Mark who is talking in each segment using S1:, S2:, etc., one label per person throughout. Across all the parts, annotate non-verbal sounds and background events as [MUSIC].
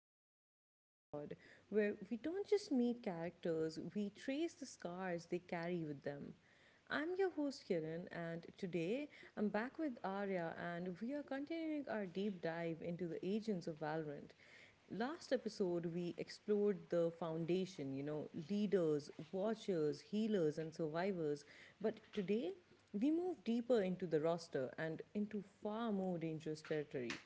S1: to the Open Mind Pod, where we don't just meet characters, we trace the scars they carry with them. I'm your host Kiran, and today I'm back with Arya, and we are continuing our deep dive into the agents of Valorant. Last episode, we explored the foundation, leaders, watchers, healers, and survivors. But today, we move deeper into the roster and into far more dangerous territory.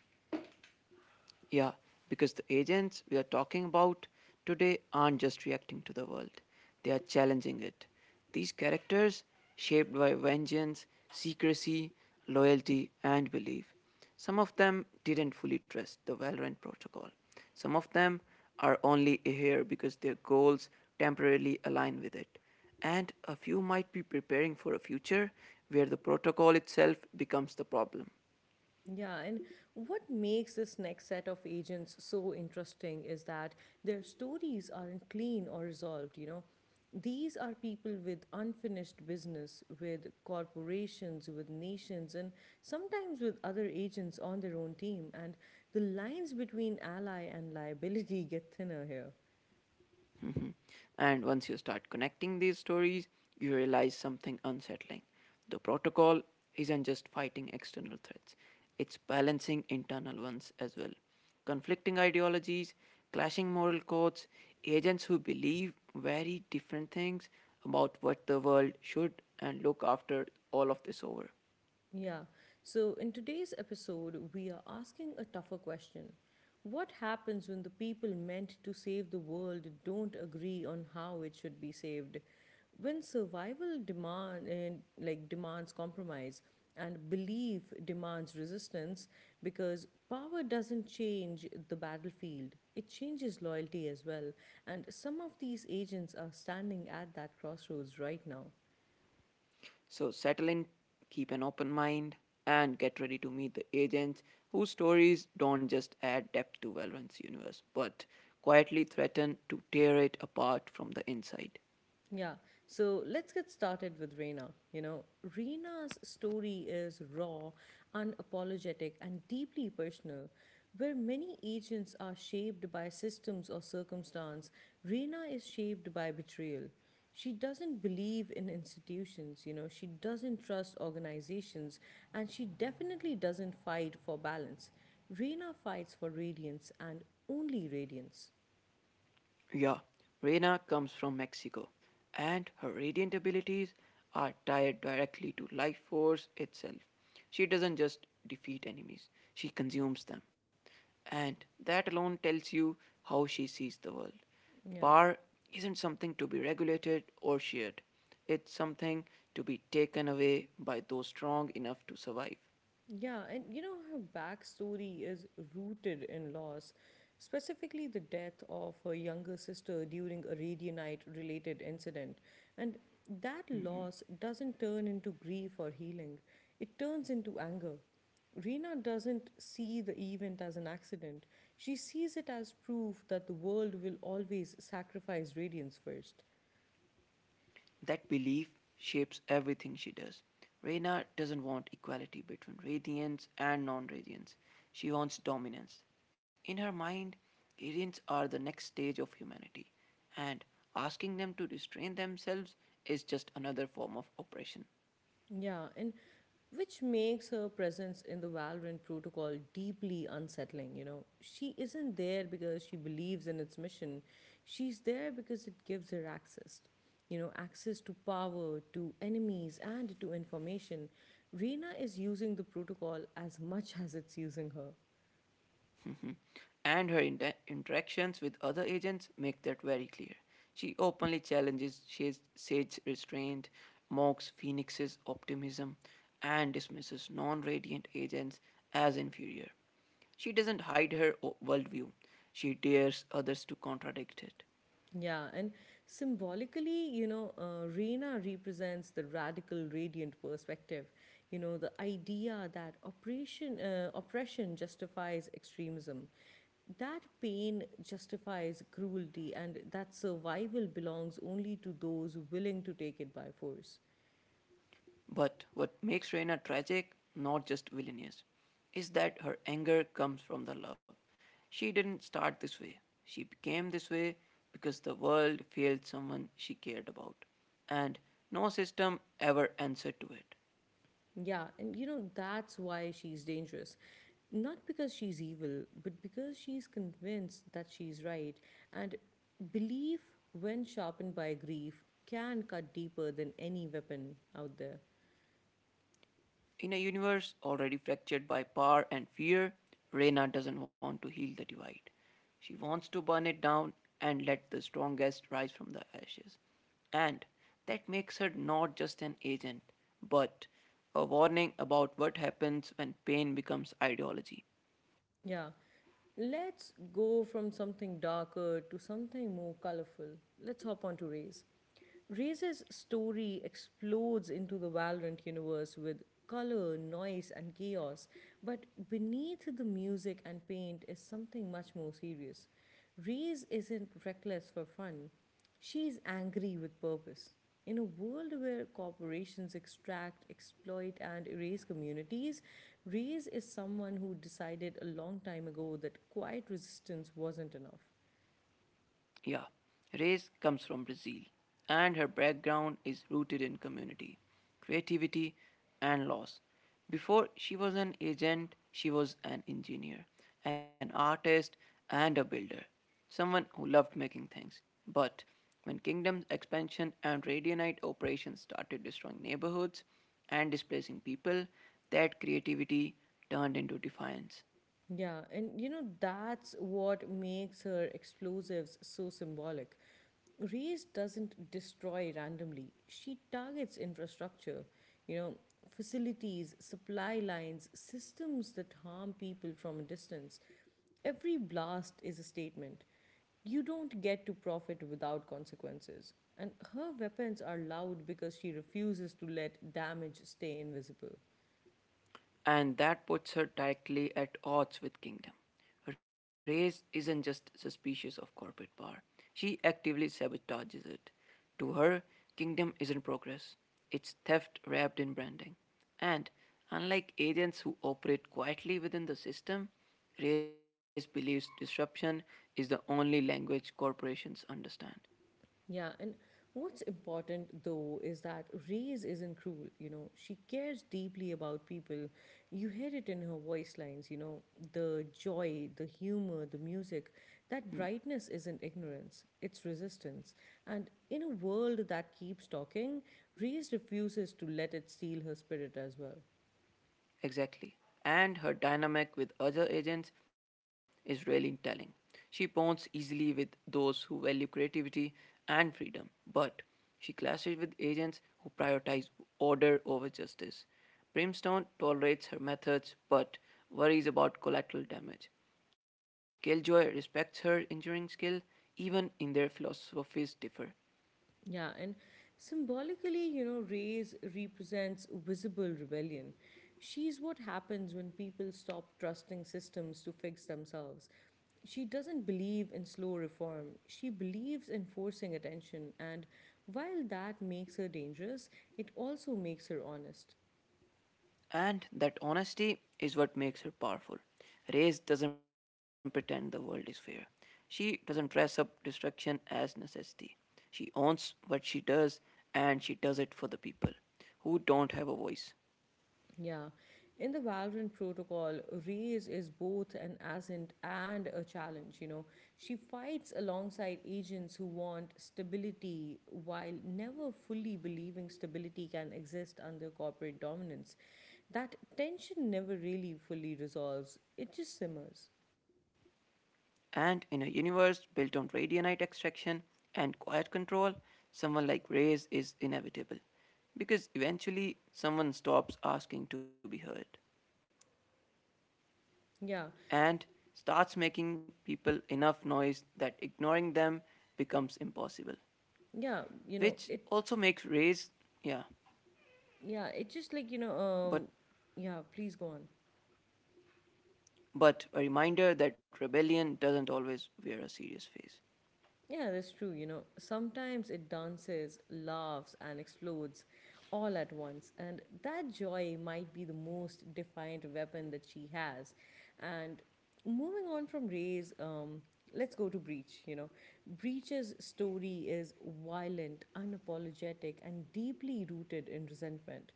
S2: Yeah, because the agents we are talking about today aren't just reacting to the world, they are challenging it. These characters, shaped by vengeance, secrecy, loyalty, and belief, some of them didn't fully trust the Valorant protocol. Some of them are only here because their goals temporarily align with it. And a few might be preparing for a future where the protocol itself becomes the problem.
S1: Yeah, and what makes this next set of agents so interesting is that their stories aren't clean or resolved. These are people with unfinished business, with corporations, with nations, and sometimes with other agents on their own team. And the lines between ally and liability [LAUGHS] get thinner here.
S2: Mhm. And once you start connecting these stories, you realize something unsettling. The protocol isn't just fighting external threats, it's balancing internal ones as well. Conflicting ideologies, clashing moral codes, agents who believe very different things about what the world should and look after all of this over.
S1: Yeah. So, in today's episode, we are asking a tougher question. What happens when the people meant to save the world don't agree on how it should be saved? When survival demand and demands compromise and belief demands resistance because power doesn't change the battlefield. It changes loyalty as well. And some of these agents are standing at that crossroads right now.
S2: So settle in, keep an open mind, and get ready to meet the agents whose stories don't just add depth to Valorant's universe, but quietly threaten to tear it apart from the inside.
S1: Yeah, so let's get started with Reena. Reena's story is raw, unapologetic, and deeply personal. Where many agents are shaped by systems or circumstance, Reena is shaped by betrayal. She doesn't believe in institutions, she doesn't trust organizations, and she definitely doesn't fight for balance. Reena fights for radiance and only radiance.
S2: Yeah, Reyna comes from Mexico, and her radiant abilities are tied directly to life force itself. She doesn't just defeat enemies, she consumes them. And that alone tells you how she sees the world.
S1: Yeah.
S2: Power isn't something to be regulated or shared, it's something to be taken away by those strong enough to survive.
S1: Yeah, and her backstory is rooted in loss, specifically the death of her younger sister during a Radianite related incident. And that loss doesn't turn into grief or healing, it turns into anger. Rena doesn't see the event as an accident. She sees it as proof that the world will always sacrifice radiance first.
S2: That belief shapes everything she does. Reina doesn't want equality between radiants and non radiants, she wants dominance. In her mind, radiants are the next stage of humanity, and asking them to restrain themselves is just another form of oppression.
S1: Yeah, and which makes her presence in the Valorant protocol deeply unsettling. She isn't there because she believes in its mission, she's there because it gives her access. You know, access to power, to enemies, and to information. Reyna is using the protocol as much as it's using her.
S2: And her interactions with other agents make that very clear. She openly challenges Shade's Sage's restraint, mocks Phoenix's optimism, and dismisses non radiant agents as inferior. She doesn't hide her worldview, she dares others to contradict it.
S1: Yeah, and symbolically, Reina represents the radical radiant perspective. You know, the idea that oppression justifies extremism, that pain justifies cruelty, and that survival belongs only to those willing to take it by force.
S2: But what makes Reina tragic, not just villainous, is that her anger comes from the love. She didn't start this way. She became this way because the world failed someone she cared about. And no system ever answered to it.
S1: Yeah, and that's why she's dangerous. Not because she's evil, but because she's convinced that she's right. And belief, when sharpened by grief, can cut deeper than any weapon out there.
S2: In a universe already fractured by power and fear, Reyna doesn't want to heal the divide. She wants to burn it down and let the strongest rise from the ashes. And that makes her not just an agent, but a warning about what happens when pain becomes ideology.
S1: Yeah, let's go from something darker to something more colorful. Let's hop on to race. Ray's story explodes into the Valorant universe with color, noise, and chaos, but beneath the music and paint is something much more serious. Ray's isn't reckless for fun, she's angry with purpose. In a world where corporations extract, exploit, and erase communities, Reyes is someone who decided a long time ago that quiet resistance wasn't enough.
S2: Yeah, Reis comes from Brazil, and her background is rooted in community, creativity, and loss. Before she was an agent, she was an engineer, an artist, and a builder, someone who loved making things. But when Kingdom's expansion and Radionite operations started destroying neighborhoods and displacing people, that creativity turned into defiance.
S1: Yeah, and that's what makes her explosives so symbolic. Reese doesn't destroy randomly, she targets infrastructure, you know, facilities, supply lines, systems that harm people from a distance. Every blast is a statement. You don't get to profit without consequences. And her weapons are loud because she refuses to let damage stay invisible.
S2: And that puts her directly at odds with Kingdom. Reyes isn't just suspicious of corporate power, she actively sabotages it. To her, Kingdom isn't progress, it's theft wrapped in branding. And unlike agents who operate quietly within the system, Reyes believes disruption is the only language corporations understand.
S1: Yeah, and what's important though is that Reyes isn't cruel. She cares deeply about people. You hear it in her voice lines, the joy, the humor, the music. That brightness isn't ignorance, it's resistance. And in a world that keeps talking, Reyes refuses to let it steal her spirit as well.
S2: Exactly. And her dynamic with other agents is really telling. She bonds easily with those who value creativity and freedom, but she clashes with agents who prioritize order over justice. Brimstone tolerates her methods but worries about collateral damage. Killjoy respects her engineering skill even in their philosophies differ.
S1: Yeah, and symbolically, Ray's represents visible rebellion. She's what happens when people stop trusting systems to fix themselves. She doesn't believe in slow reform, she believes in forcing attention, and while that makes her dangerous, it also makes her honest.
S2: And that honesty is what makes her powerful. Reyes doesn't pretend the world is fair. She doesn't dress up destruction as necessity. She owns what she does and she does it for the people who don't have a voice.
S1: Yeah. In the Valorant protocol, Reyes is both an ascent and a challenge. She fights alongside agents who want stability while never fully believing stability can exist under corporate dominance. That tension never really fully resolves. It just simmers.
S2: And in a universe built on radionite extraction and quiet control, someone like Reyes is inevitable because eventually someone stops asking to be heard.
S1: Yeah.
S2: And starts making people enough noise that ignoring them becomes impossible,
S1: Yeah, you know,
S2: which
S1: it
S2: also makes raise, yeah,
S1: yeah, it just like, you know,
S2: but
S1: Yeah, please go on.
S2: but a reminder that rebellion doesn't always wear a serious face.
S1: Yeah, that's true. You know, sometimes it dances, laughs, and explodes all at once. And that joy might be the most defiant weapon that she has. And moving on from Ray's, let's go to Breach. Breach's story is violent, unapologetic, and deeply rooted in resentment.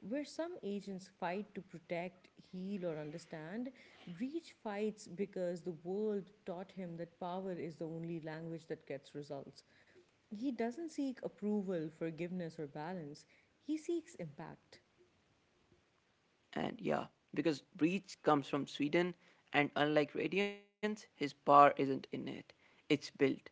S1: Where some agents fight to protect, heal, or understand, Breach fights because the world taught him that power is the only language that gets results. He doesn't seek approval, forgiveness, or balance, he seeks impact.
S2: And yeah, because Breach comes from Sweden, and unlike Radiance, his power isn't innate, it's built.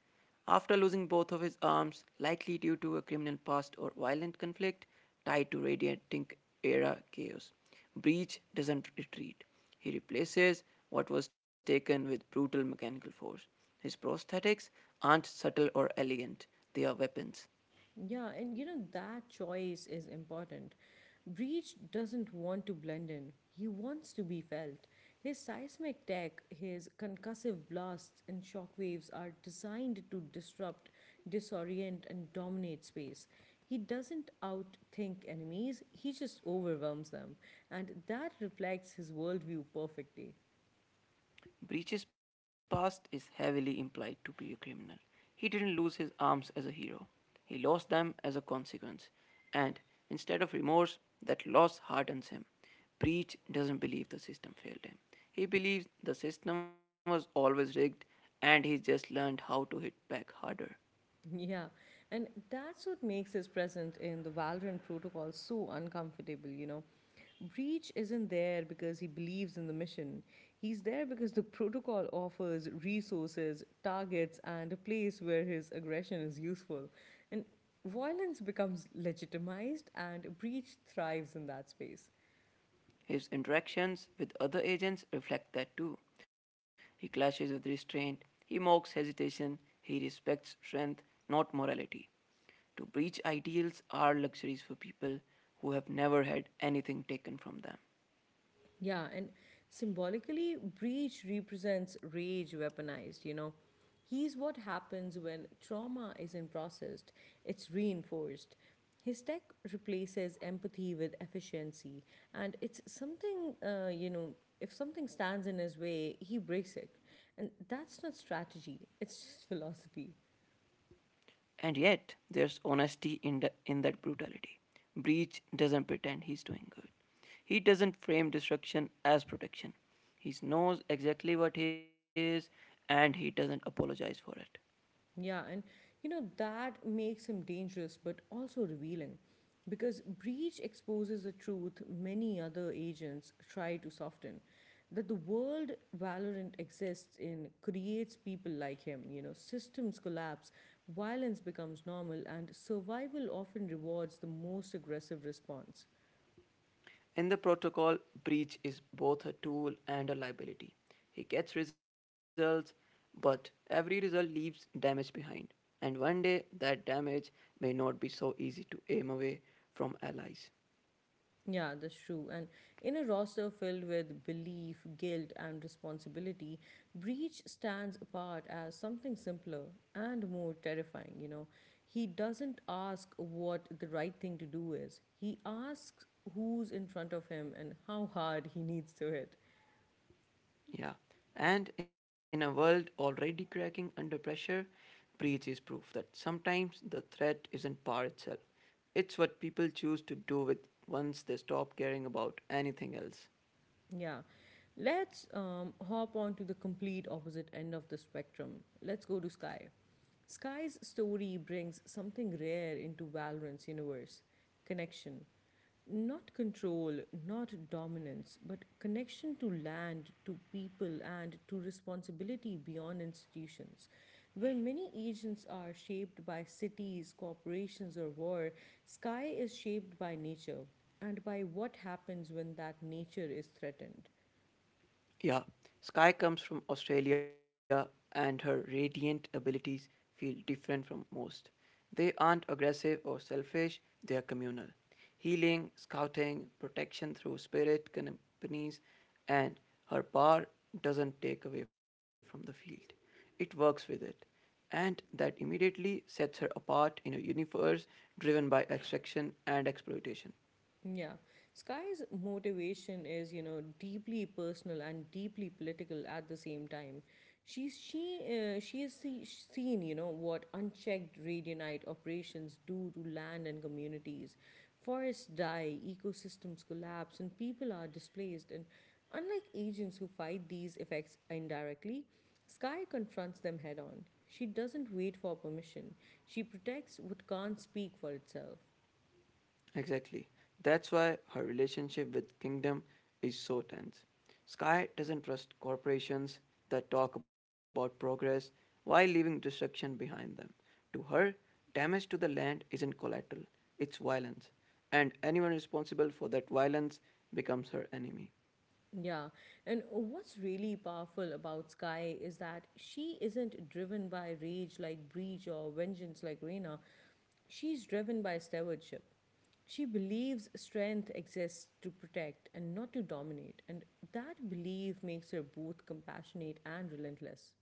S2: After losing both of his arms, likely due to a criminal past or violent conflict tied to Radiating era chaos, Breach doesn't retreat. He replaces what was taken with brutal mechanical force. His prosthetics aren't subtle or elegant, they are weapons.
S1: Yeah, and you know that choice is important. Breach doesn't want to blend in. He wants to be felt. His seismic tech, his concussive blasts and shockwaves are designed to disrupt, disorient and dominate space. He doesn't outthink enemies, he just overwhelms them, and that reflects his worldview perfectly.
S2: Breach's past is heavily implied to be a criminal. He didn't lose his arms as a hero, he lost them as a consequence. And instead of remorse, that loss hardens him. Breach doesn't believe the system failed him. He believes the system was always rigged and he's just learned how to hit back harder.
S1: Yeah, and that's what makes his presence in the Valorant protocol so uncomfortable, Breach isn't there because he believes in the mission. He's there because the protocol offers resources, targets, and a place where his aggression is useful. And violence becomes legitimized, and Breach thrives in that space.
S2: His interactions with other agents reflect that too. He clashes with restraint, he mocks hesitation, he respects strength, not morality. To preach ideals are luxuries for people who have never had anything taken from them.
S1: Yeah, and symbolically, breach represents rage weaponized, He's what happens when trauma isn't processed, it's reinforced. His tech replaces empathy with efficiency, and it's something, if something stands in his way, he breaks it. And that's not strategy, it's just philosophy.
S2: And yet, there's honesty in, in that brutality. Breach doesn't pretend he's doing good. He doesn't frame destruction as protection. He knows exactly what he is and he doesn't apologize for it.
S1: Yeah, and that makes him dangerous but also revealing because Breach exposes a truth many other agents try to soften that the world Valorant exists in creates people like him. You know, systems collapse, violence becomes normal, and survival often rewards the most aggressive response.
S2: In the protocol, Breach is both a tool and a liability. He gets results, but every result leaves damage behind. And one day, that damage may not be so easy to aim away from allies.
S1: Yeah, that's true. And in a roster filled with belief, guilt, and responsibility, Breach stands apart as something simpler and more terrifying. He doesn't ask what the right thing to do is, he asks who's in front of him and how hard he needs to hit.
S2: Yeah. And in a world already cracking under pressure, Breach is proof that sometimes the threat isn't power itself. It's what people choose to do with once they stop caring about anything else.
S1: Yeah. Let's hop on to the complete opposite end of the spectrum. Let's go to Sky. Sky's story brings something rare into Valorant's universe connection. Not control, not dominance, but connection to land, to people, and to responsibility beyond institutions. Where many agents are shaped by cities, corporations, or war, Sky is shaped by nature and by what happens when that nature is threatened.
S2: Yeah, Sky comes from Australia and her radiant abilities feel different from most. They aren't aggressive or selfish, they are communal. Healing, scouting, protection through spirit companies, and her power doesn't take away from the field. It works with it. And that immediately sets her apart in a universe driven by extraction and exploitation.
S1: Yeah. Sky's motivation is, deeply personal and deeply political at the same time. She's she she has seen, what unchecked radionite operations do to land and communities. Forests die, ecosystems collapse, and people are displaced. And unlike agents who fight these effects indirectly, Sky confronts them head on. She doesn't wait for permission. She protects what can't speak for itself.
S2: Exactly. That's why her relationship with Kingdom is so tense. Sky doesn't trust corporations that talk about progress while leaving destruction behind them. To her, damage to the land isn't collateral, it's violence. And anyone responsible for that violence becomes her enemy.
S1: Yeah. And what's really powerful about Sky is that she isn't driven by rage like Breach or vengeance like Reina. She's driven by stewardship. She believes strength exists to protect and not to dominate. And that belief makes her both compassionate and relentless.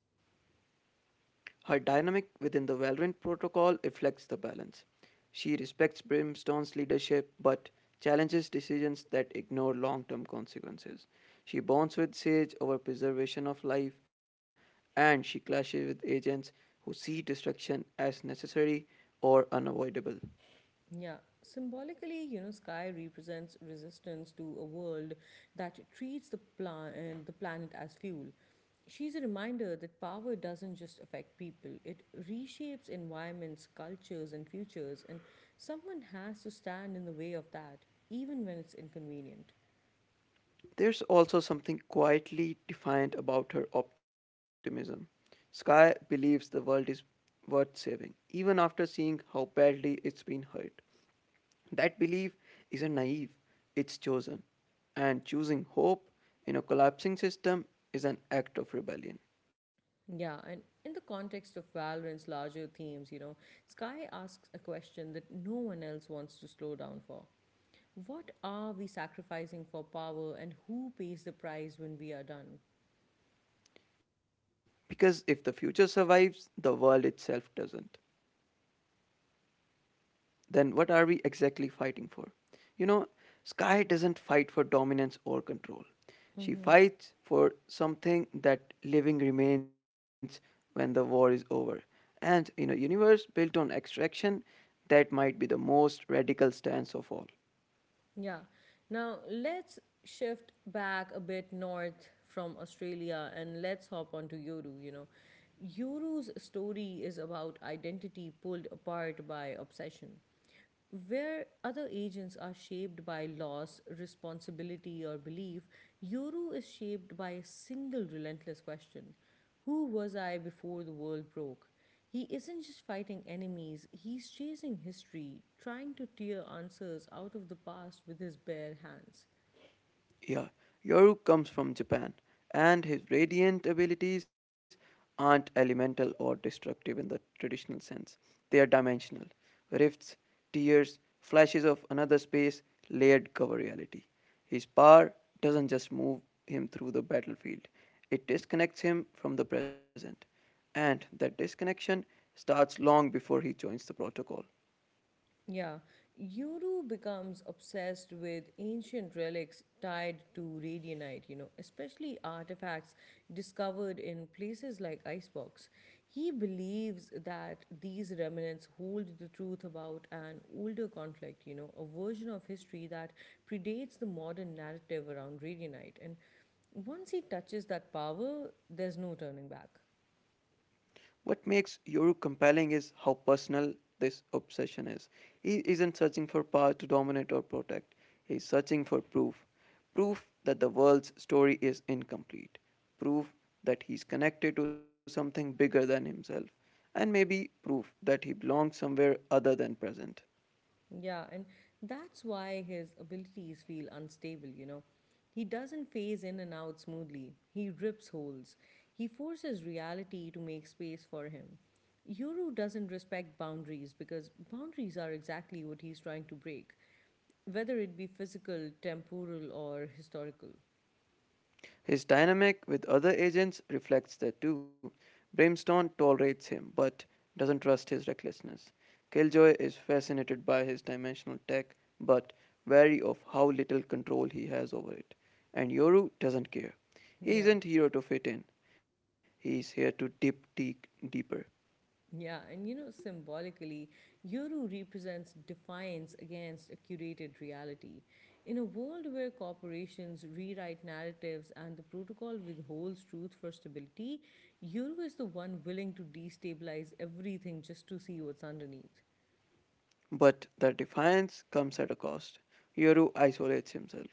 S2: Her dynamic within the Valorant protocol reflects the balance. She respects Brimstone's leadership but challenges decisions that ignore long term consequences. She bonds with Sage over preservation of life, and she clashes with agents who see destruction as necessary or unavoidable.
S1: Yeah, symbolically, sky represents resistance to a world that treats the planet as fuel. She's a reminder that power doesn't just affect people; it reshapes environments, cultures, and futures. And someone has to stand in the way of that, even when it's inconvenient.
S2: There's also something quietly defiant about her optimism. Sky believes the world is worth saving, even after seeing how badly it's been hurt. That belief isn't naive, it's chosen. And choosing hope in a collapsing system is an act of rebellion.
S1: Yeah, and in the context of Valorant's larger themes, Sky asks a question that no one else wants to slow down for. What are we sacrificing for power, and who pays the price when we are done?
S2: Because if the future survives, the world itself doesn't. Then what are we exactly fighting for? You know, Sky doesn't fight for dominance or control. She fights for something that living remains when the war is over. And in a universe built on extraction, that might be the most radical stance of all.
S1: Yeah. Now let's shift back a bit north from Australia and let's hop onto Yoru, Yoru's story is about identity pulled apart by obsession. Where other agents are shaped by loss, responsibility, or belief, Yoru is shaped by a single relentless question. Who was I before the world broke? He isn't just fighting enemies, he's chasing history, trying to tear answers out of the past with his bare hands.
S2: Yeah, Yoru comes from Japan, and his radiant abilities aren't elemental or destructive in the traditional sense. They are dimensional rifts, tears, flashes of another space, layered cover reality. His power doesn't just move him through the battlefield, it disconnects him from the present. And that disconnection starts long before he joins the protocol.
S1: Yeah, Yuru becomes obsessed with ancient relics tied to radionite, especially artifacts discovered in places like Icebox. He believes that these remnants hold the truth about an older conflict, a version of history that predates the modern narrative around radionite. And once he touches that power, there's no turning back.
S2: What makes Yoru compelling is how personal this obsession is. He isn't searching for power to dominate or protect, he's searching for proof. Proof that the world's story is incomplete, proof that he's connected to something bigger than himself, and maybe proof that he belongs somewhere other than present.
S1: Yeah, and that's why his abilities feel unstable, He doesn't phase in and out smoothly. He rips holes. He forces reality to make space for him. Yoru doesn't respect boundaries because boundaries are exactly what he's trying to break, whether it be physical, temporal, or historical.
S2: His dynamic with other agents reflects that too. Brimstone tolerates him, but doesn't trust his recklessness. Killjoy is fascinated by his dimensional tech, but wary of how little control he has over it. And Yoru doesn't care. He
S1: Yeah.
S2: isn't here to fit in. He's here to dip deep deeper.
S1: Yeah, and symbolically, Yoru represents defiance against a curated reality. In a world where corporations rewrite narratives and the protocol withholds truth for stability, Yoru is the one willing to destabilize everything just to see what's underneath.
S2: But the defiance comes at a cost. Yoru isolates himself.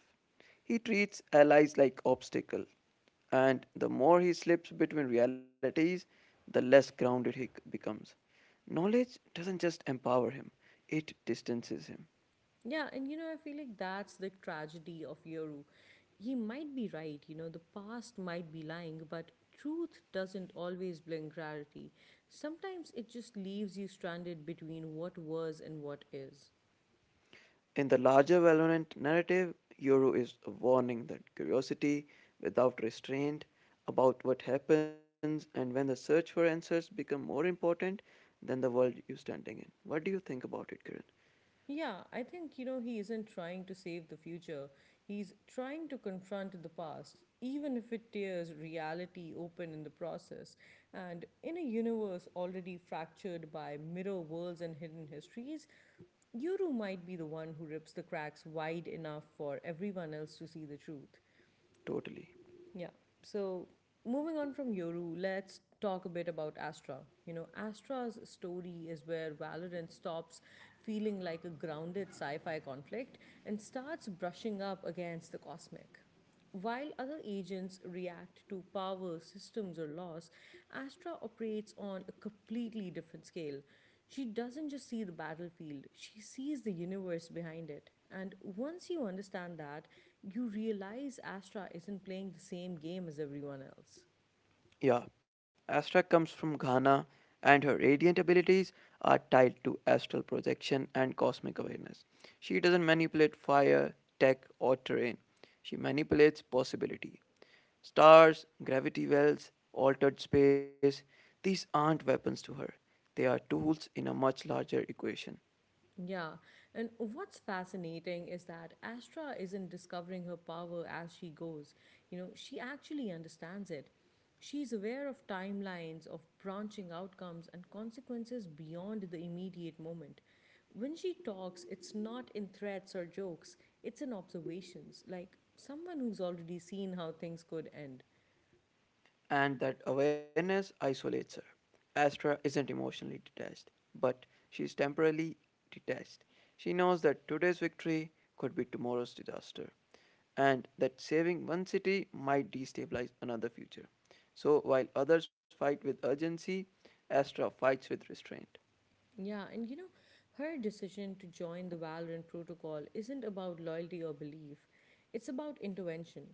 S2: He treats allies like obstacles. And the more he slips between realities, the less grounded he becomes. Knowledge doesn't just empower him, it distances him.
S1: Yeah, and you know, I feel like that's the tragedy of Yoru. He might be right, you know, the past might be lying, but truth doesn't always bring clarity. Sometimes it just leaves you stranded between what was and what is.
S2: In the larger Valorant narrative, Yoru is a warning that curiosity, without restraint, about what happens and when the search for answers become more important than the world you're standing in. What do you think about it, Kiran?
S1: Yeah, I think, you know, he isn't trying to save the future. He's trying to confront the past, even if it tears reality open in the process. And in a universe already fractured by mirror worlds and hidden histories, Yuru might be the one who rips the cracks wide enough for everyone else to see the truth.
S2: Totally.
S1: Yeah. So moving on from Yoru, let's talk a bit about Astra. You know, Astra's story is where Valorant stops feeling like a grounded sci fi conflict and starts brushing up against the cosmic. While other agents react to power, systems, or loss, Astra operates on a completely different scale. She doesn't just see the battlefield, she sees the universe behind it. And once you understand that, you realize Astra isn't playing the same game as everyone else.
S2: Yeah, Astra comes from Ghana, and her radiant abilities are tied to astral projection and cosmic awareness. She doesn't manipulate fire, tech, or terrain, she manipulates possibility. Stars, gravity wells, altered space, these aren't weapons to her. They are tools in a much larger equation.
S1: Yeah, and what's fascinating is that Astra isn't discovering her power as she goes. You know, she actually understands it. She's aware of timelines, of branching outcomes, and consequences beyond the immediate moment. When she talks, it's not in threats or jokes, it's in observations, like someone who's already seen how things could end.
S2: And that awareness isolates her. Astra isn't emotionally detached, but she is temporarily detached. She knows that today's victory could be tomorrow's disaster, and that saving one city might destabilize another future. So, while others fight with urgency, Astra fights with restraint.
S1: Yeah, and you know, her decision to join the Valorant protocol isn't about loyalty or belief, it's about intervention.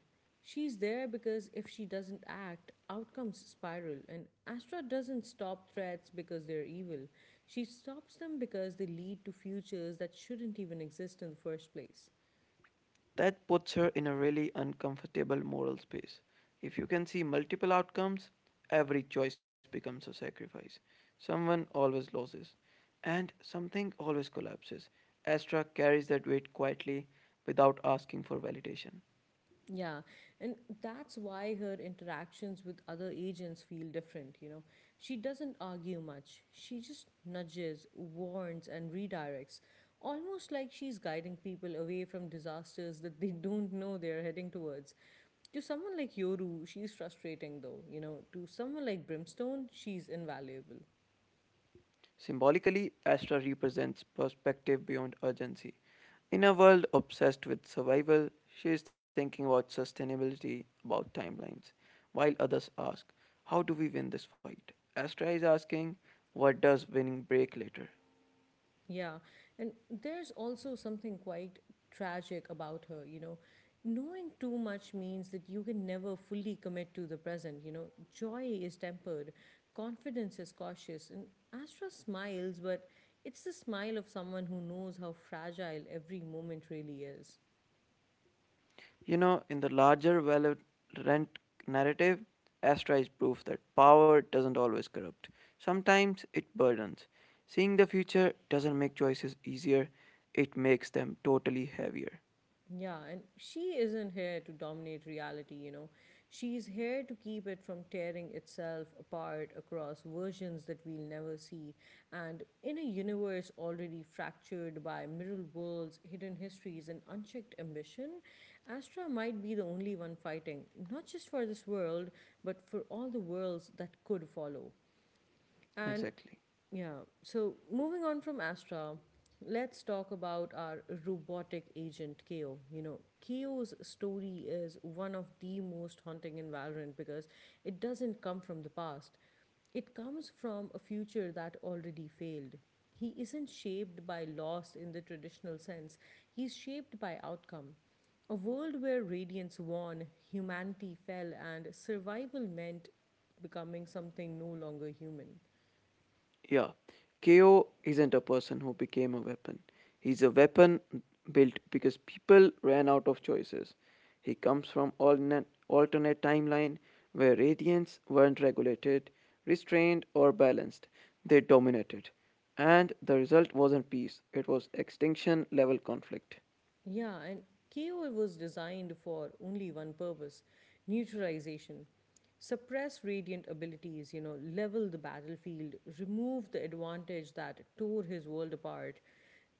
S1: She's there because if she doesn't act, outcomes spiral, and Astra doesn't stop threats because they're evil. She stops them because they lead to futures that shouldn't even exist in the first place.
S2: That puts her in a really uncomfortable moral space. If you can see multiple outcomes, every choice becomes a sacrifice. Someone always loses, and something always collapses. Astra carries that weight quietly without asking for validation.
S1: Yeah, and that's why her interactions with other agents feel different, you know. She doesn't argue much, she just nudges, warns, and redirects, almost like she's guiding people away from disasters that they don't know they're heading towards. To someone like Yoru, she's frustrating though, you know. To someone like Brimstone, she's invaluable.
S2: Symbolically, Astra represents perspective beyond urgency. In a world obsessed with survival, she is thinking about sustainability, about timelines, while others ask, how do we win this fight? Astra is asking, what does winning break later?
S1: Yeah, and there's also something quite tragic about her, you know. Knowing too much means that you can never fully commit to the present, you know. Joy is tempered, confidence is cautious, and Astra smiles, but it's the smile of someone who knows how fragile every moment really is.
S2: You know, in the larger Valorant narrative, Astra is proof that power doesn't always corrupt. Sometimes it burdens. Seeing the future doesn't make choices easier, it makes them totally heavier.
S1: Yeah, and she isn't here to dominate reality, you know. She's here to keep it from tearing itself apart across versions that we'll never see. And in a universe already fractured by mirror worlds, hidden histories, and unchecked ambition, Astra might be the only one fighting, not just for this world, but for all the worlds that could follow. And
S2: Exactly.
S1: yeah. So moving on from Astra, let's talk about our robotic agent Keo. You know, Keo's story is one of the most haunting in Valorant because it doesn't come from the past. It comes from a future that already failed. He isn't shaped by loss in the traditional sense. He's shaped by outcome. A world where radiance won, humanity fell, and survival meant becoming something no longer human.
S2: Yeah, KO isn't a person who became a weapon. He's a weapon built because people ran out of choices. He comes from alternate timeline where radiants weren't regulated, restrained, or balanced. They dominated. And the result wasn't peace, it was extinction level conflict.
S1: Yeah, and KO was designed for only one purpose neutralization. Suppress radiant abilities, you know, level the battlefield, remove the advantage that tore his world apart.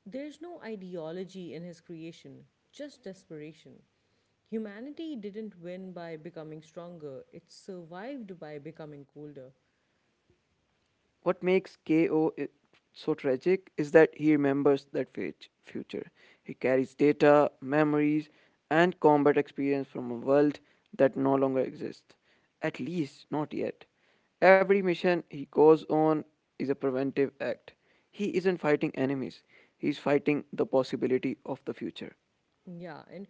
S1: There's no ideology in his creation, just desperation. Humanity didn't win by becoming stronger, it survived by becoming colder.
S2: What makes KO so tragic is that he remembers that future. He carries data, memories, and combat experience from a world that no longer exists. At least, not yet. Every mission he goes on is a preventive act. He isn't fighting enemies, he's fighting the possibility of the future.
S1: Yeah, and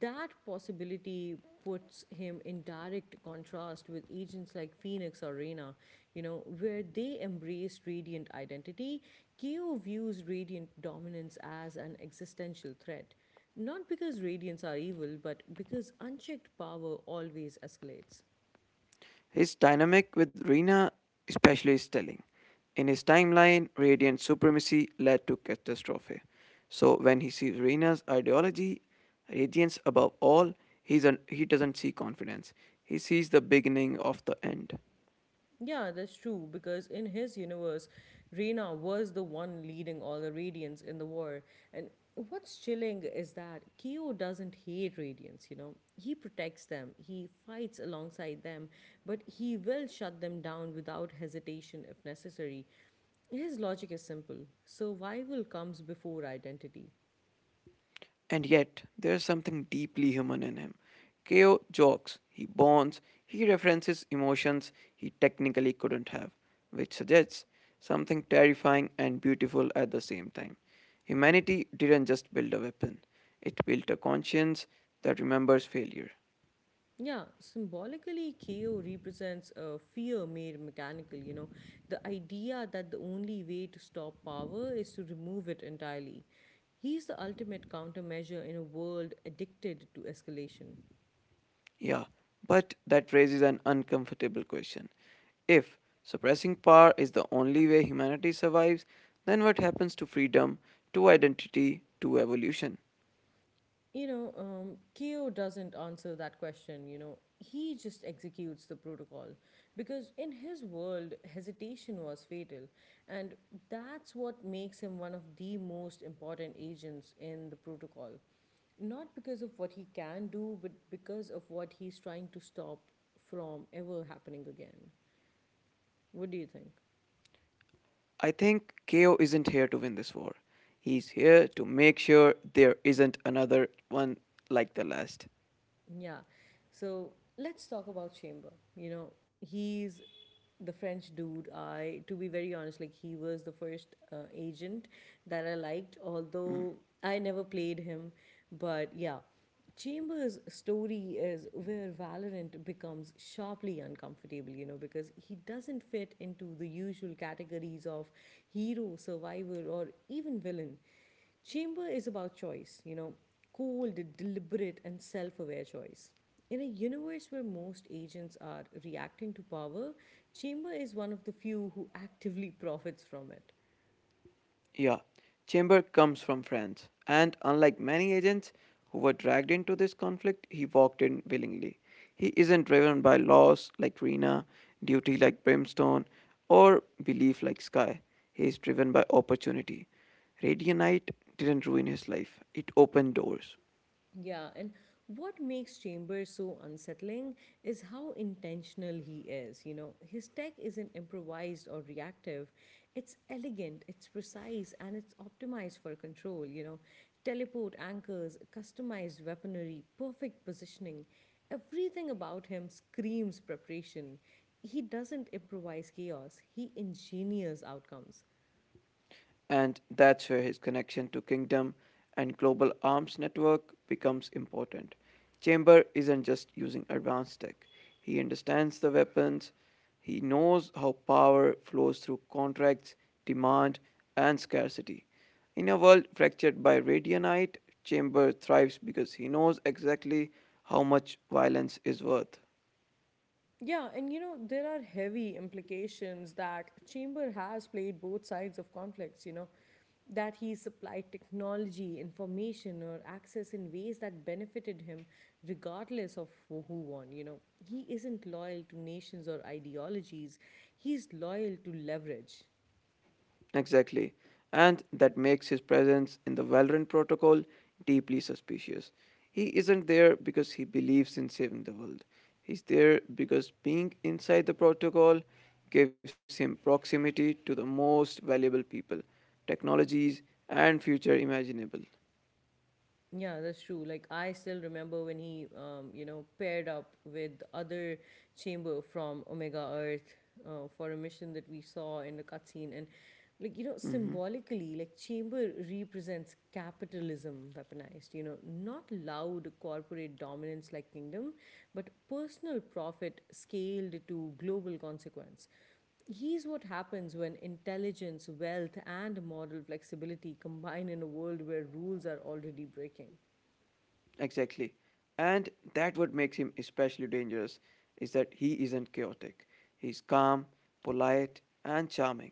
S1: that possibility puts him in direct contrast with agents like Phoenix or Reyna, you know, where they embrace radiant identity. Ko views radiant dominance as an existential threat, not because radiants are evil, but because unchecked power always escalates.
S2: His dynamic with Rina, especially, is telling. In his timeline, Radiant supremacy led to catastrophe. So when he sees Rina's ideology, Radiance above all, he doesn't see confidence. He sees the beginning of the end.
S1: Yeah, that's true, because in his universe, Reyna was the one leading all the Radiants in the war. And what's chilling is that Kyo doesn't hate Radiants, you know. He protects them, he fights alongside them, but he will shut them down without hesitation if necessary. His logic is simple survival comes before identity.
S2: And yet, there's something deeply human in him. Keo jokes, he bonds, he references emotions he technically couldn't have, which suggests something terrifying and beautiful at the same time. Humanity didn't just build a weapon, it built a conscience that remembers failure.
S1: Yeah, symbolically, KO represents a fear made mechanical, you know, the idea that the only way to stop power is to remove it entirely. He's the ultimate countermeasure in a world addicted to escalation.
S2: Yeah, but that raises an uncomfortable question. If suppressing power is the only way humanity survives, then what happens to freedom, to identity, to evolution?
S1: You know, Keo doesn't answer that question, you know. He just executes the protocol because in his world, hesitation was fatal. And that's what makes him one of the most important agents in the protocol. Not because of what he can do, but because of what he's trying to stop from ever happening again. What do you think?
S2: I think KO isn't here to win this war. He's here to make sure there isn't another one like the last.
S1: Yeah. So let's talk about Chamber. You know, he's the French dude, I to be very honest, like he was the first agent that I liked,
S2: Mm.
S1: although I never played him. But yeah, Chambers' story is where Valorant becomes sharply uncomfortable, you know, because he doesn't fit into the usual categories of hero, survivor, or even villain. Chamber is about choice, you know, cold, deliberate, and self aware choice. In a universe where most agents are reacting to power, Chamber is one of the few who actively [LAUGHS] profits from it.
S2: Yeah, Chamber comes from France, and unlike many agents who were dragged into this conflict, he walked in willingly. He isn't driven by laws like Rena, duty like Brimstone, or belief like Sky. He is driven by opportunity. Radianite didn't ruin his life, it opened doors.
S1: Yeah, and what makes Chambers so unsettling is how intentional he is. You know, his tech isn't improvised or reactive, it's elegant, it's precise, and it's optimized for control. You know, teleport anchors, customized weaponry, perfect positioning. Everything about him screams preparation. He doesn't improvise chaos, he engineers outcomes.
S2: And that's where his connection to kingdom and global arms network becomes important. Chamber isn't just using advanced tech. He understands the weapons, he knows how power flows through contracts, demand, and scarcity. In a world fractured by radionite, Chamber thrives because he knows exactly how much violence is worth.
S1: Yeah, and you know, there are heavy implications that Chamber has played both sides of conflicts, you know, that he supplied technology, information, or access in ways that benefited him, regardless of who won. You know, he isn't loyal to nations or ideologies, he's loyal to leverage.
S2: Exactly. And that makes his presence in the Valorant protocol deeply suspicious. He isn't there because he believes in saving the world. He's there because being inside the protocol gives him proximity to the most valuable people, technologies, and future imaginable.
S1: Yeah, that's true. Like I still remember when he, you know, paired up with the other chamber from Omega Earth for a mission that we saw in the cutscene, and like you know,
S2: Mm-hmm.
S1: symbolically, like chamber represents capitalism weaponized. You know, not loud corporate dominance like kingdom, but personal profit scaled to global consequence. Here's what happens when intelligence, wealth, and moral flexibility combine in a world where rules are already breaking.
S2: Exactly. And that what makes him especially dangerous is that he isn't chaotic. He's calm, polite, and charming.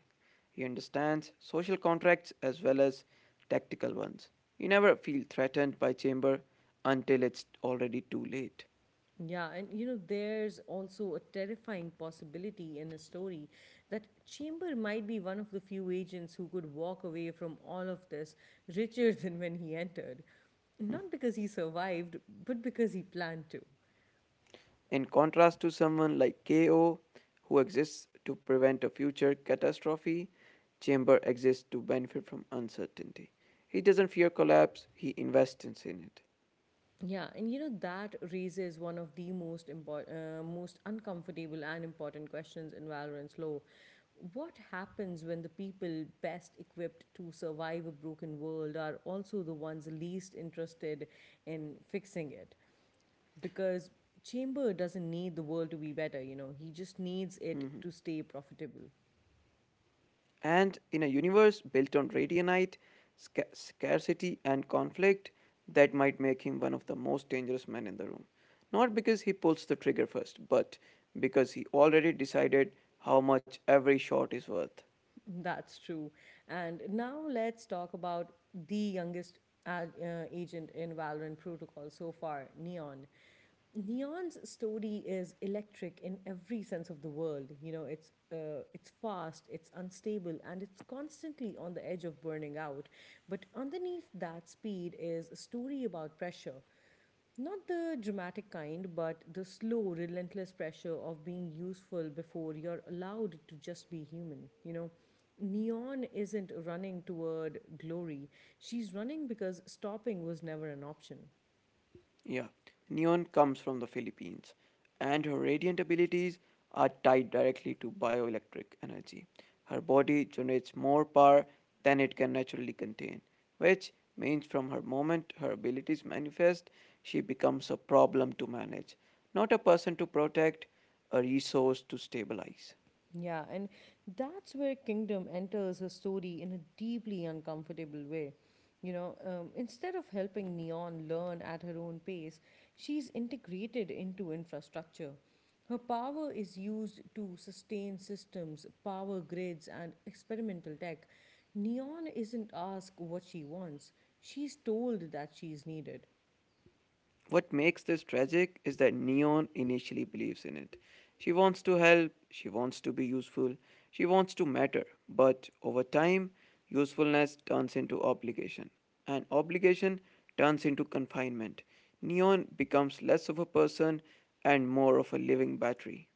S2: He understands social contracts as well as tactical ones. You never feel threatened by Chamber until it's already too late.
S1: Yeah, and you know, there's also a terrifying possibility in a story that Chamber might be one of the few agents who could walk away from all of this richer [LAUGHS] than when he entered. Not because he survived, but because he planned to.
S2: In contrast to someone like KO, who exists to prevent a future catastrophe, Chamber exists to benefit from uncertainty. He doesn't fear collapse, he invests in it.
S1: Yeah, and you know that raises one of the most important, most uncomfortable and important questions in Valorant's lore. What happens when the people best equipped to survive a broken world are also the ones least interested in fixing it? Because Chamber doesn't need the world to be better, you know, he just needs it
S2: Hmm.
S1: to stay profitable.
S2: And in a universe built on radionite scarcity, and conflict, that might make him one of the most dangerous men in the room. Not because he pulls the trigger first, but because he already decided how much every shot is worth.
S1: [LAUGHS] That's true. And now let's talk about the youngest agent in Valorant Protocol so far, Neon. Neon's story is electric in every sense of the world. You know, it's fast, it's unstable, and it's constantly on the edge of burning out. But underneath that speed is a story about pressure not the dramatic kind, but the slow, relentless pressure of being useful before you're allowed to just be human. You know, Neon isn't running toward glory, she's running because stopping was never an option.
S2: Yeah, neon comes from the Philippines, and her radiant abilities are tied directly to bioelectric energy. Her body generates more power than it can naturally contain, which means from her moment her abilities manifest, she becomes a problem to manage, not a person to protect, a resource to stabilize.
S1: Yeah, and that's where Kingdom enters her story in a deeply uncomfortable way. You know, instead of helping Neon learn at her own pace, she's integrated into infrastructure. Her power is used to sustain systems, power grids, and experimental tech. Neon isn't asked what she wants, she's told that she's needed.
S2: What makes this tragic is that Neon initially believes in it. She wants to help, she wants to be useful, she wants to matter, but over time, usefulness turns into obligation, and obligation turns into confinement. Neon becomes less of a person and more of a living battery.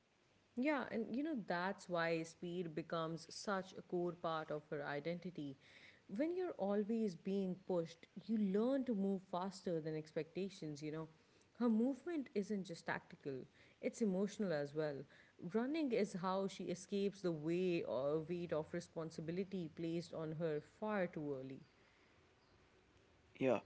S1: Yeah, and you know, that's why speed becomes such a core part of her identity. When you're always being pushed, you learn to move faster than expectations, you know. Her movement isn't just tactical, it's emotional as well. Running is how she escapes the way or weight of responsibility placed on her far too early.
S2: Yeah,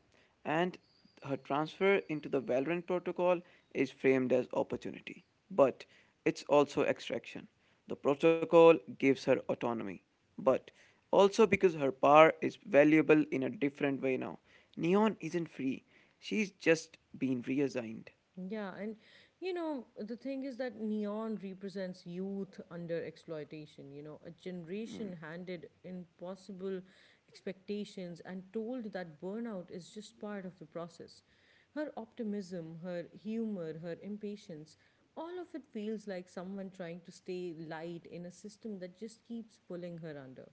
S2: and her transfer into the Valorant protocol is framed as opportunity, but it's also extraction. The protocol gives her autonomy, but also because her power is valuable in a different way now. Neon isn't free, she's just been reassigned.
S1: Yeah, and you know, the thing is that neon represents youth under exploitation, you know, a generation handed impossible expectations and told that burnout is just part of the process. Her optimism, her humor, her impatience, all of it feels like someone trying to stay light in a system that just keeps pulling her under.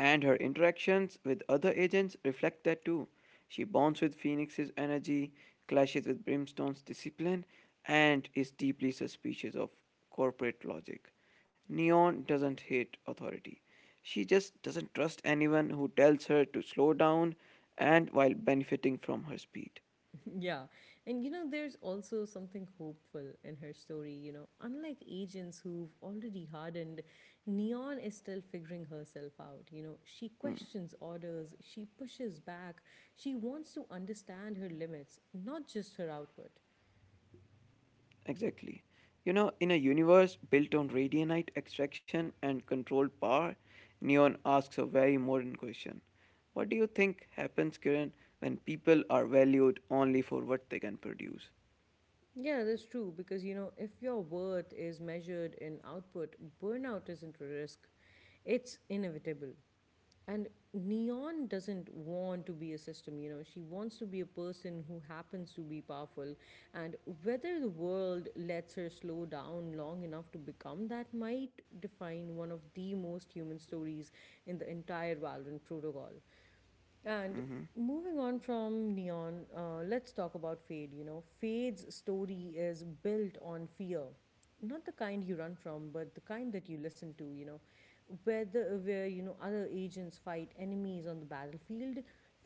S2: And her interactions with other agents reflect that too. She bonds with Phoenix's energy, clashes with Brimstone's discipline, and is deeply suspicious of corporate logic. Neon doesn't hate authority. She just doesn't trust anyone who tells her to slow down and while benefiting from her speed.
S1: [LAUGHS] Yeah. And you know, there's also something hopeful in her story. You know, unlike agents who've already hardened, Neon is still figuring herself out. You know, she questions orders, she pushes back, she wants to understand her limits, not just her output.
S2: Exactly. You know, in a universe built on radionite extraction and controlled power, Neon asks a very modern question. What do you think happens, Kiran, when people are valued only for what they can produce?
S1: Yeah, that's true. Because, you know, if your worth is measured in output, burnout isn't a risk, it's inevitable. And Neon doesn't want to be a system, you know, she wants to be a person who happens to be powerful. And whether the world lets her slow down long enough to become that might define one of the most human stories in the entire Valorant protocol. And
S2: Mm-hmm.
S1: moving on from Neon, let's talk about Fade. You know, Fade's story is built on fear. Not the kind you run from, but the kind that you listen to. Where other agents fight enemies on the battlefield,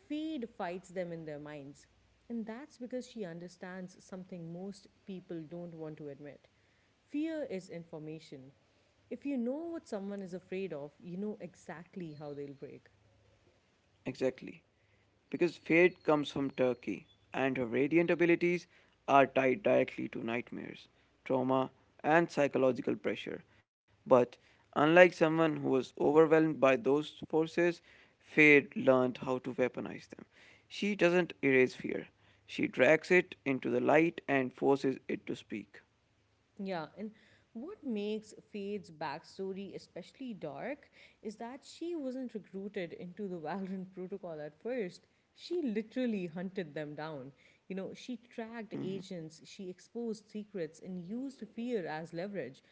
S1: Fade fights them in their minds. And that's because she understands something most people don't want to admit. Fear is information. If you know what someone is afraid of, you know exactly how they'll break.
S2: Exactly. Because Fate comes from Turkey, and her radiant abilities are tied directly to nightmares, trauma, and psychological pressure. But unlike someone who was overwhelmed by those forces, Fade learned how to weaponize them. She doesn't erase fear, she drags it into the light and forces it to speak.
S1: Yeah, and what makes Fade's backstory especially dark is that she wasn't recruited into the [LAUGHS] Valorant protocol at first. She literally hunted them down. She tracked agents, she exposed secrets, and used fear as leverage.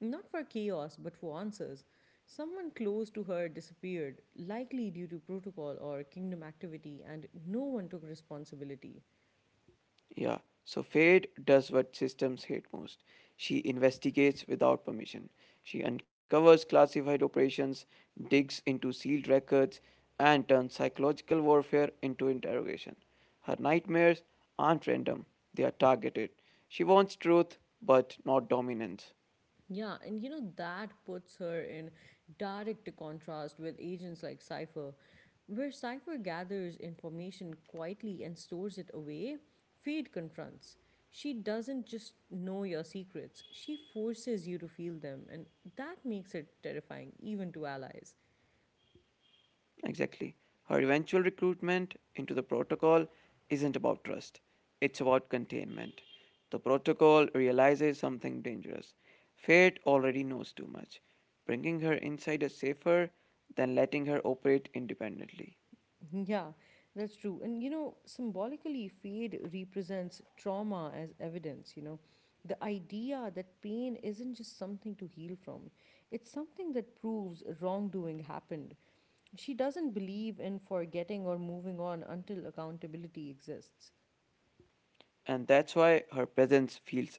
S1: Not for chaos, but for answers. Someone close to her disappeared, likely due to protocol or kingdom activity, and no one took responsibility.
S2: Yeah, so Fate does what systems hate most. She investigates without permission. She uncovers classified operations, digs into sealed records, and turns psychological warfare into interrogation. Her nightmares aren't random, they are targeted. She wants truth, but not dominance.
S1: Yeah, and that puts her in direct contrast with agents like Cypher. Where Cypher gathers information quietly and stores it away, Fade confronts. She doesn't just know your secrets, she forces you to feel them, and that makes it terrifying, even to allies.
S2: Exactly. Her eventual recruitment into the protocol isn't about trust, it's about containment. The protocol realizes something dangerous. Fate already knows too much. Bringing her inside is safer than letting her operate independently.
S1: [LAUGHS] Yeah, that's true. And symbolically, Fade represents trauma as evidence. The idea that pain isn't just something to heal from, it's something that proves wrongdoing happened. She doesn't believe in forgetting or moving on until accountability exists.
S2: And that's why her presence feels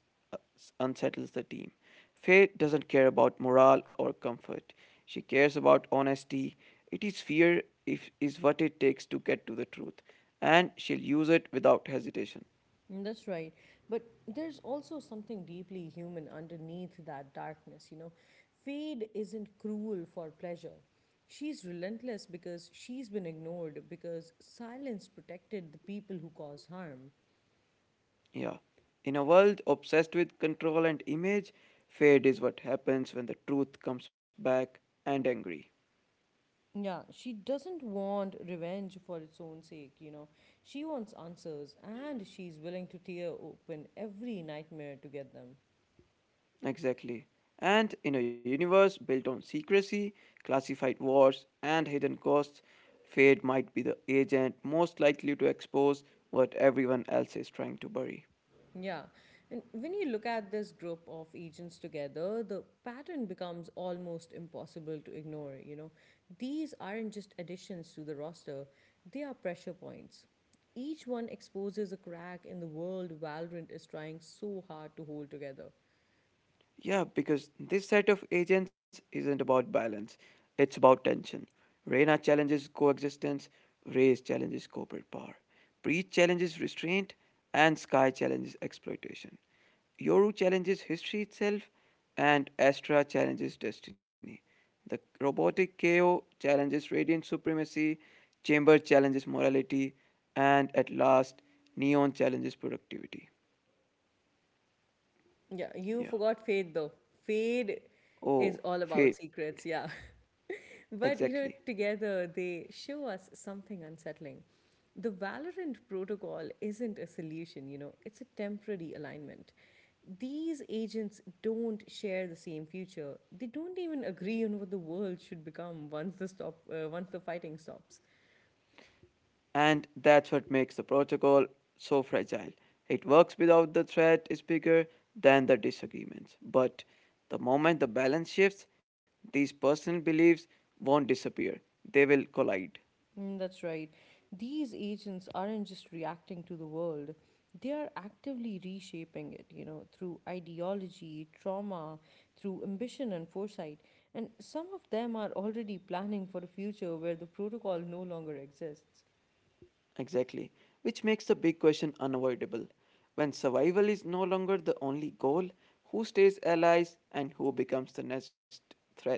S2: unsettles the team. Faye doesn't care about morale or comfort. She cares about honesty. It is fear if is what it takes to get to the truth, and she'll use it without hesitation.
S1: Mm, that's right. But there's also something deeply human underneath that darkness. Fade isn't cruel for pleasure. She's relentless because she's been ignored, because silence protected the people who caused harm.
S2: Yeah. In a world obsessed with control and image, fade is what happens when the truth comes back and angry.
S1: Yeah, she doesn't want revenge for its own sake. She wants answers, and she's willing to tear open every nightmare to get them.
S2: Exactly. And in a universe built on secrecy, classified wars, and hidden costs, Fade might be the agent most likely to expose what everyone else is trying to bury.
S1: Yeah. And when you look at this group of agents together, the pattern becomes almost impossible to ignore. These aren't just additions to the roster, they are pressure points. Each one exposes a crack in the world Valorant is trying so hard to hold together.
S2: Yeah, because this set of agents isn't about balance, it's about tension. Reina challenges coexistence, Reyes challenges corporate power, Breach challenges restraint, and Sky challenges exploitation. Yoru challenges history itself, and Astra challenges destiny. The robotic KO challenges radiant supremacy, Chamber challenges morality, and at last, Neon challenges productivity.
S1: Yeah, you
S2: Yeah.
S1: forgot Fade though. Fade is
S2: Oh,
S1: all about
S2: fate.
S1: secrets, yeah. [LAUGHS] but
S2: Exactly.
S1: you know, together they show us something unsettling. The Valorant protocol isn't a solution, it's a temporary alignment. These agents don't share the same future. They don't even agree on what the world should become once the stop once the fighting stops.
S2: And that's what makes the protocol so fragile. It works without the threat is bigger than the disagreements. But the moment the balance shifts, these personal beliefs won't disappear, they will collide.
S1: Mm, that's right. These agents aren't just reacting to the world, they are actively reshaping it, through ideology, trauma, through ambition and foresight. And some of them are already planning for a future where the protocol no longer exists.
S2: Exactly. Which makes the big question unavoidable. When survival is no longer the only goal, who stays allies and who becomes the next threat?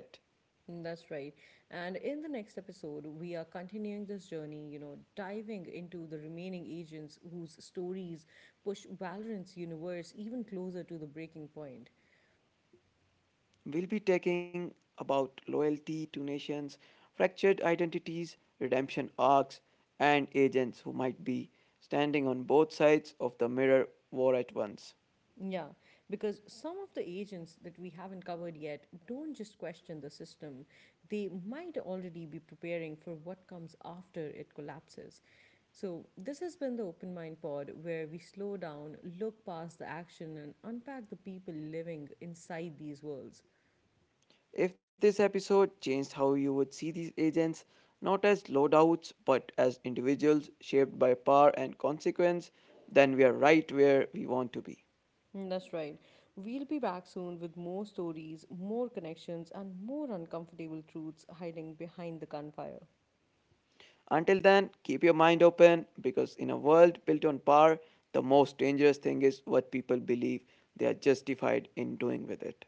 S1: Mm, that's right. And in the next episode, we are continuing this journey, diving into the remaining agents whose stories push Valorant's universe even closer to the breaking point.
S2: We'll be talking about loyalty to nations, fractured identities, redemption arcs, and agents who might be standing on both sides of the mirror war at once.
S1: Yeah, because some of the agents that we haven't covered yet don't just question the system, they might already be preparing for what comes after it collapses. So, this has been the Open Mind Pod, where we slow down, look past the action, and unpack the people living inside these worlds.
S2: If this episode changed how you would see these agents, not as loadouts but as individuals shaped by power and consequence, then we are right where we want to be.
S1: Mm, that's right. We'll be back soon with more stories, more connections, and more uncomfortable truths hiding behind the gunfire.
S2: Until then, keep your mind open because in a world built on power, the most dangerous thing is what people believe they are justified in doing with it.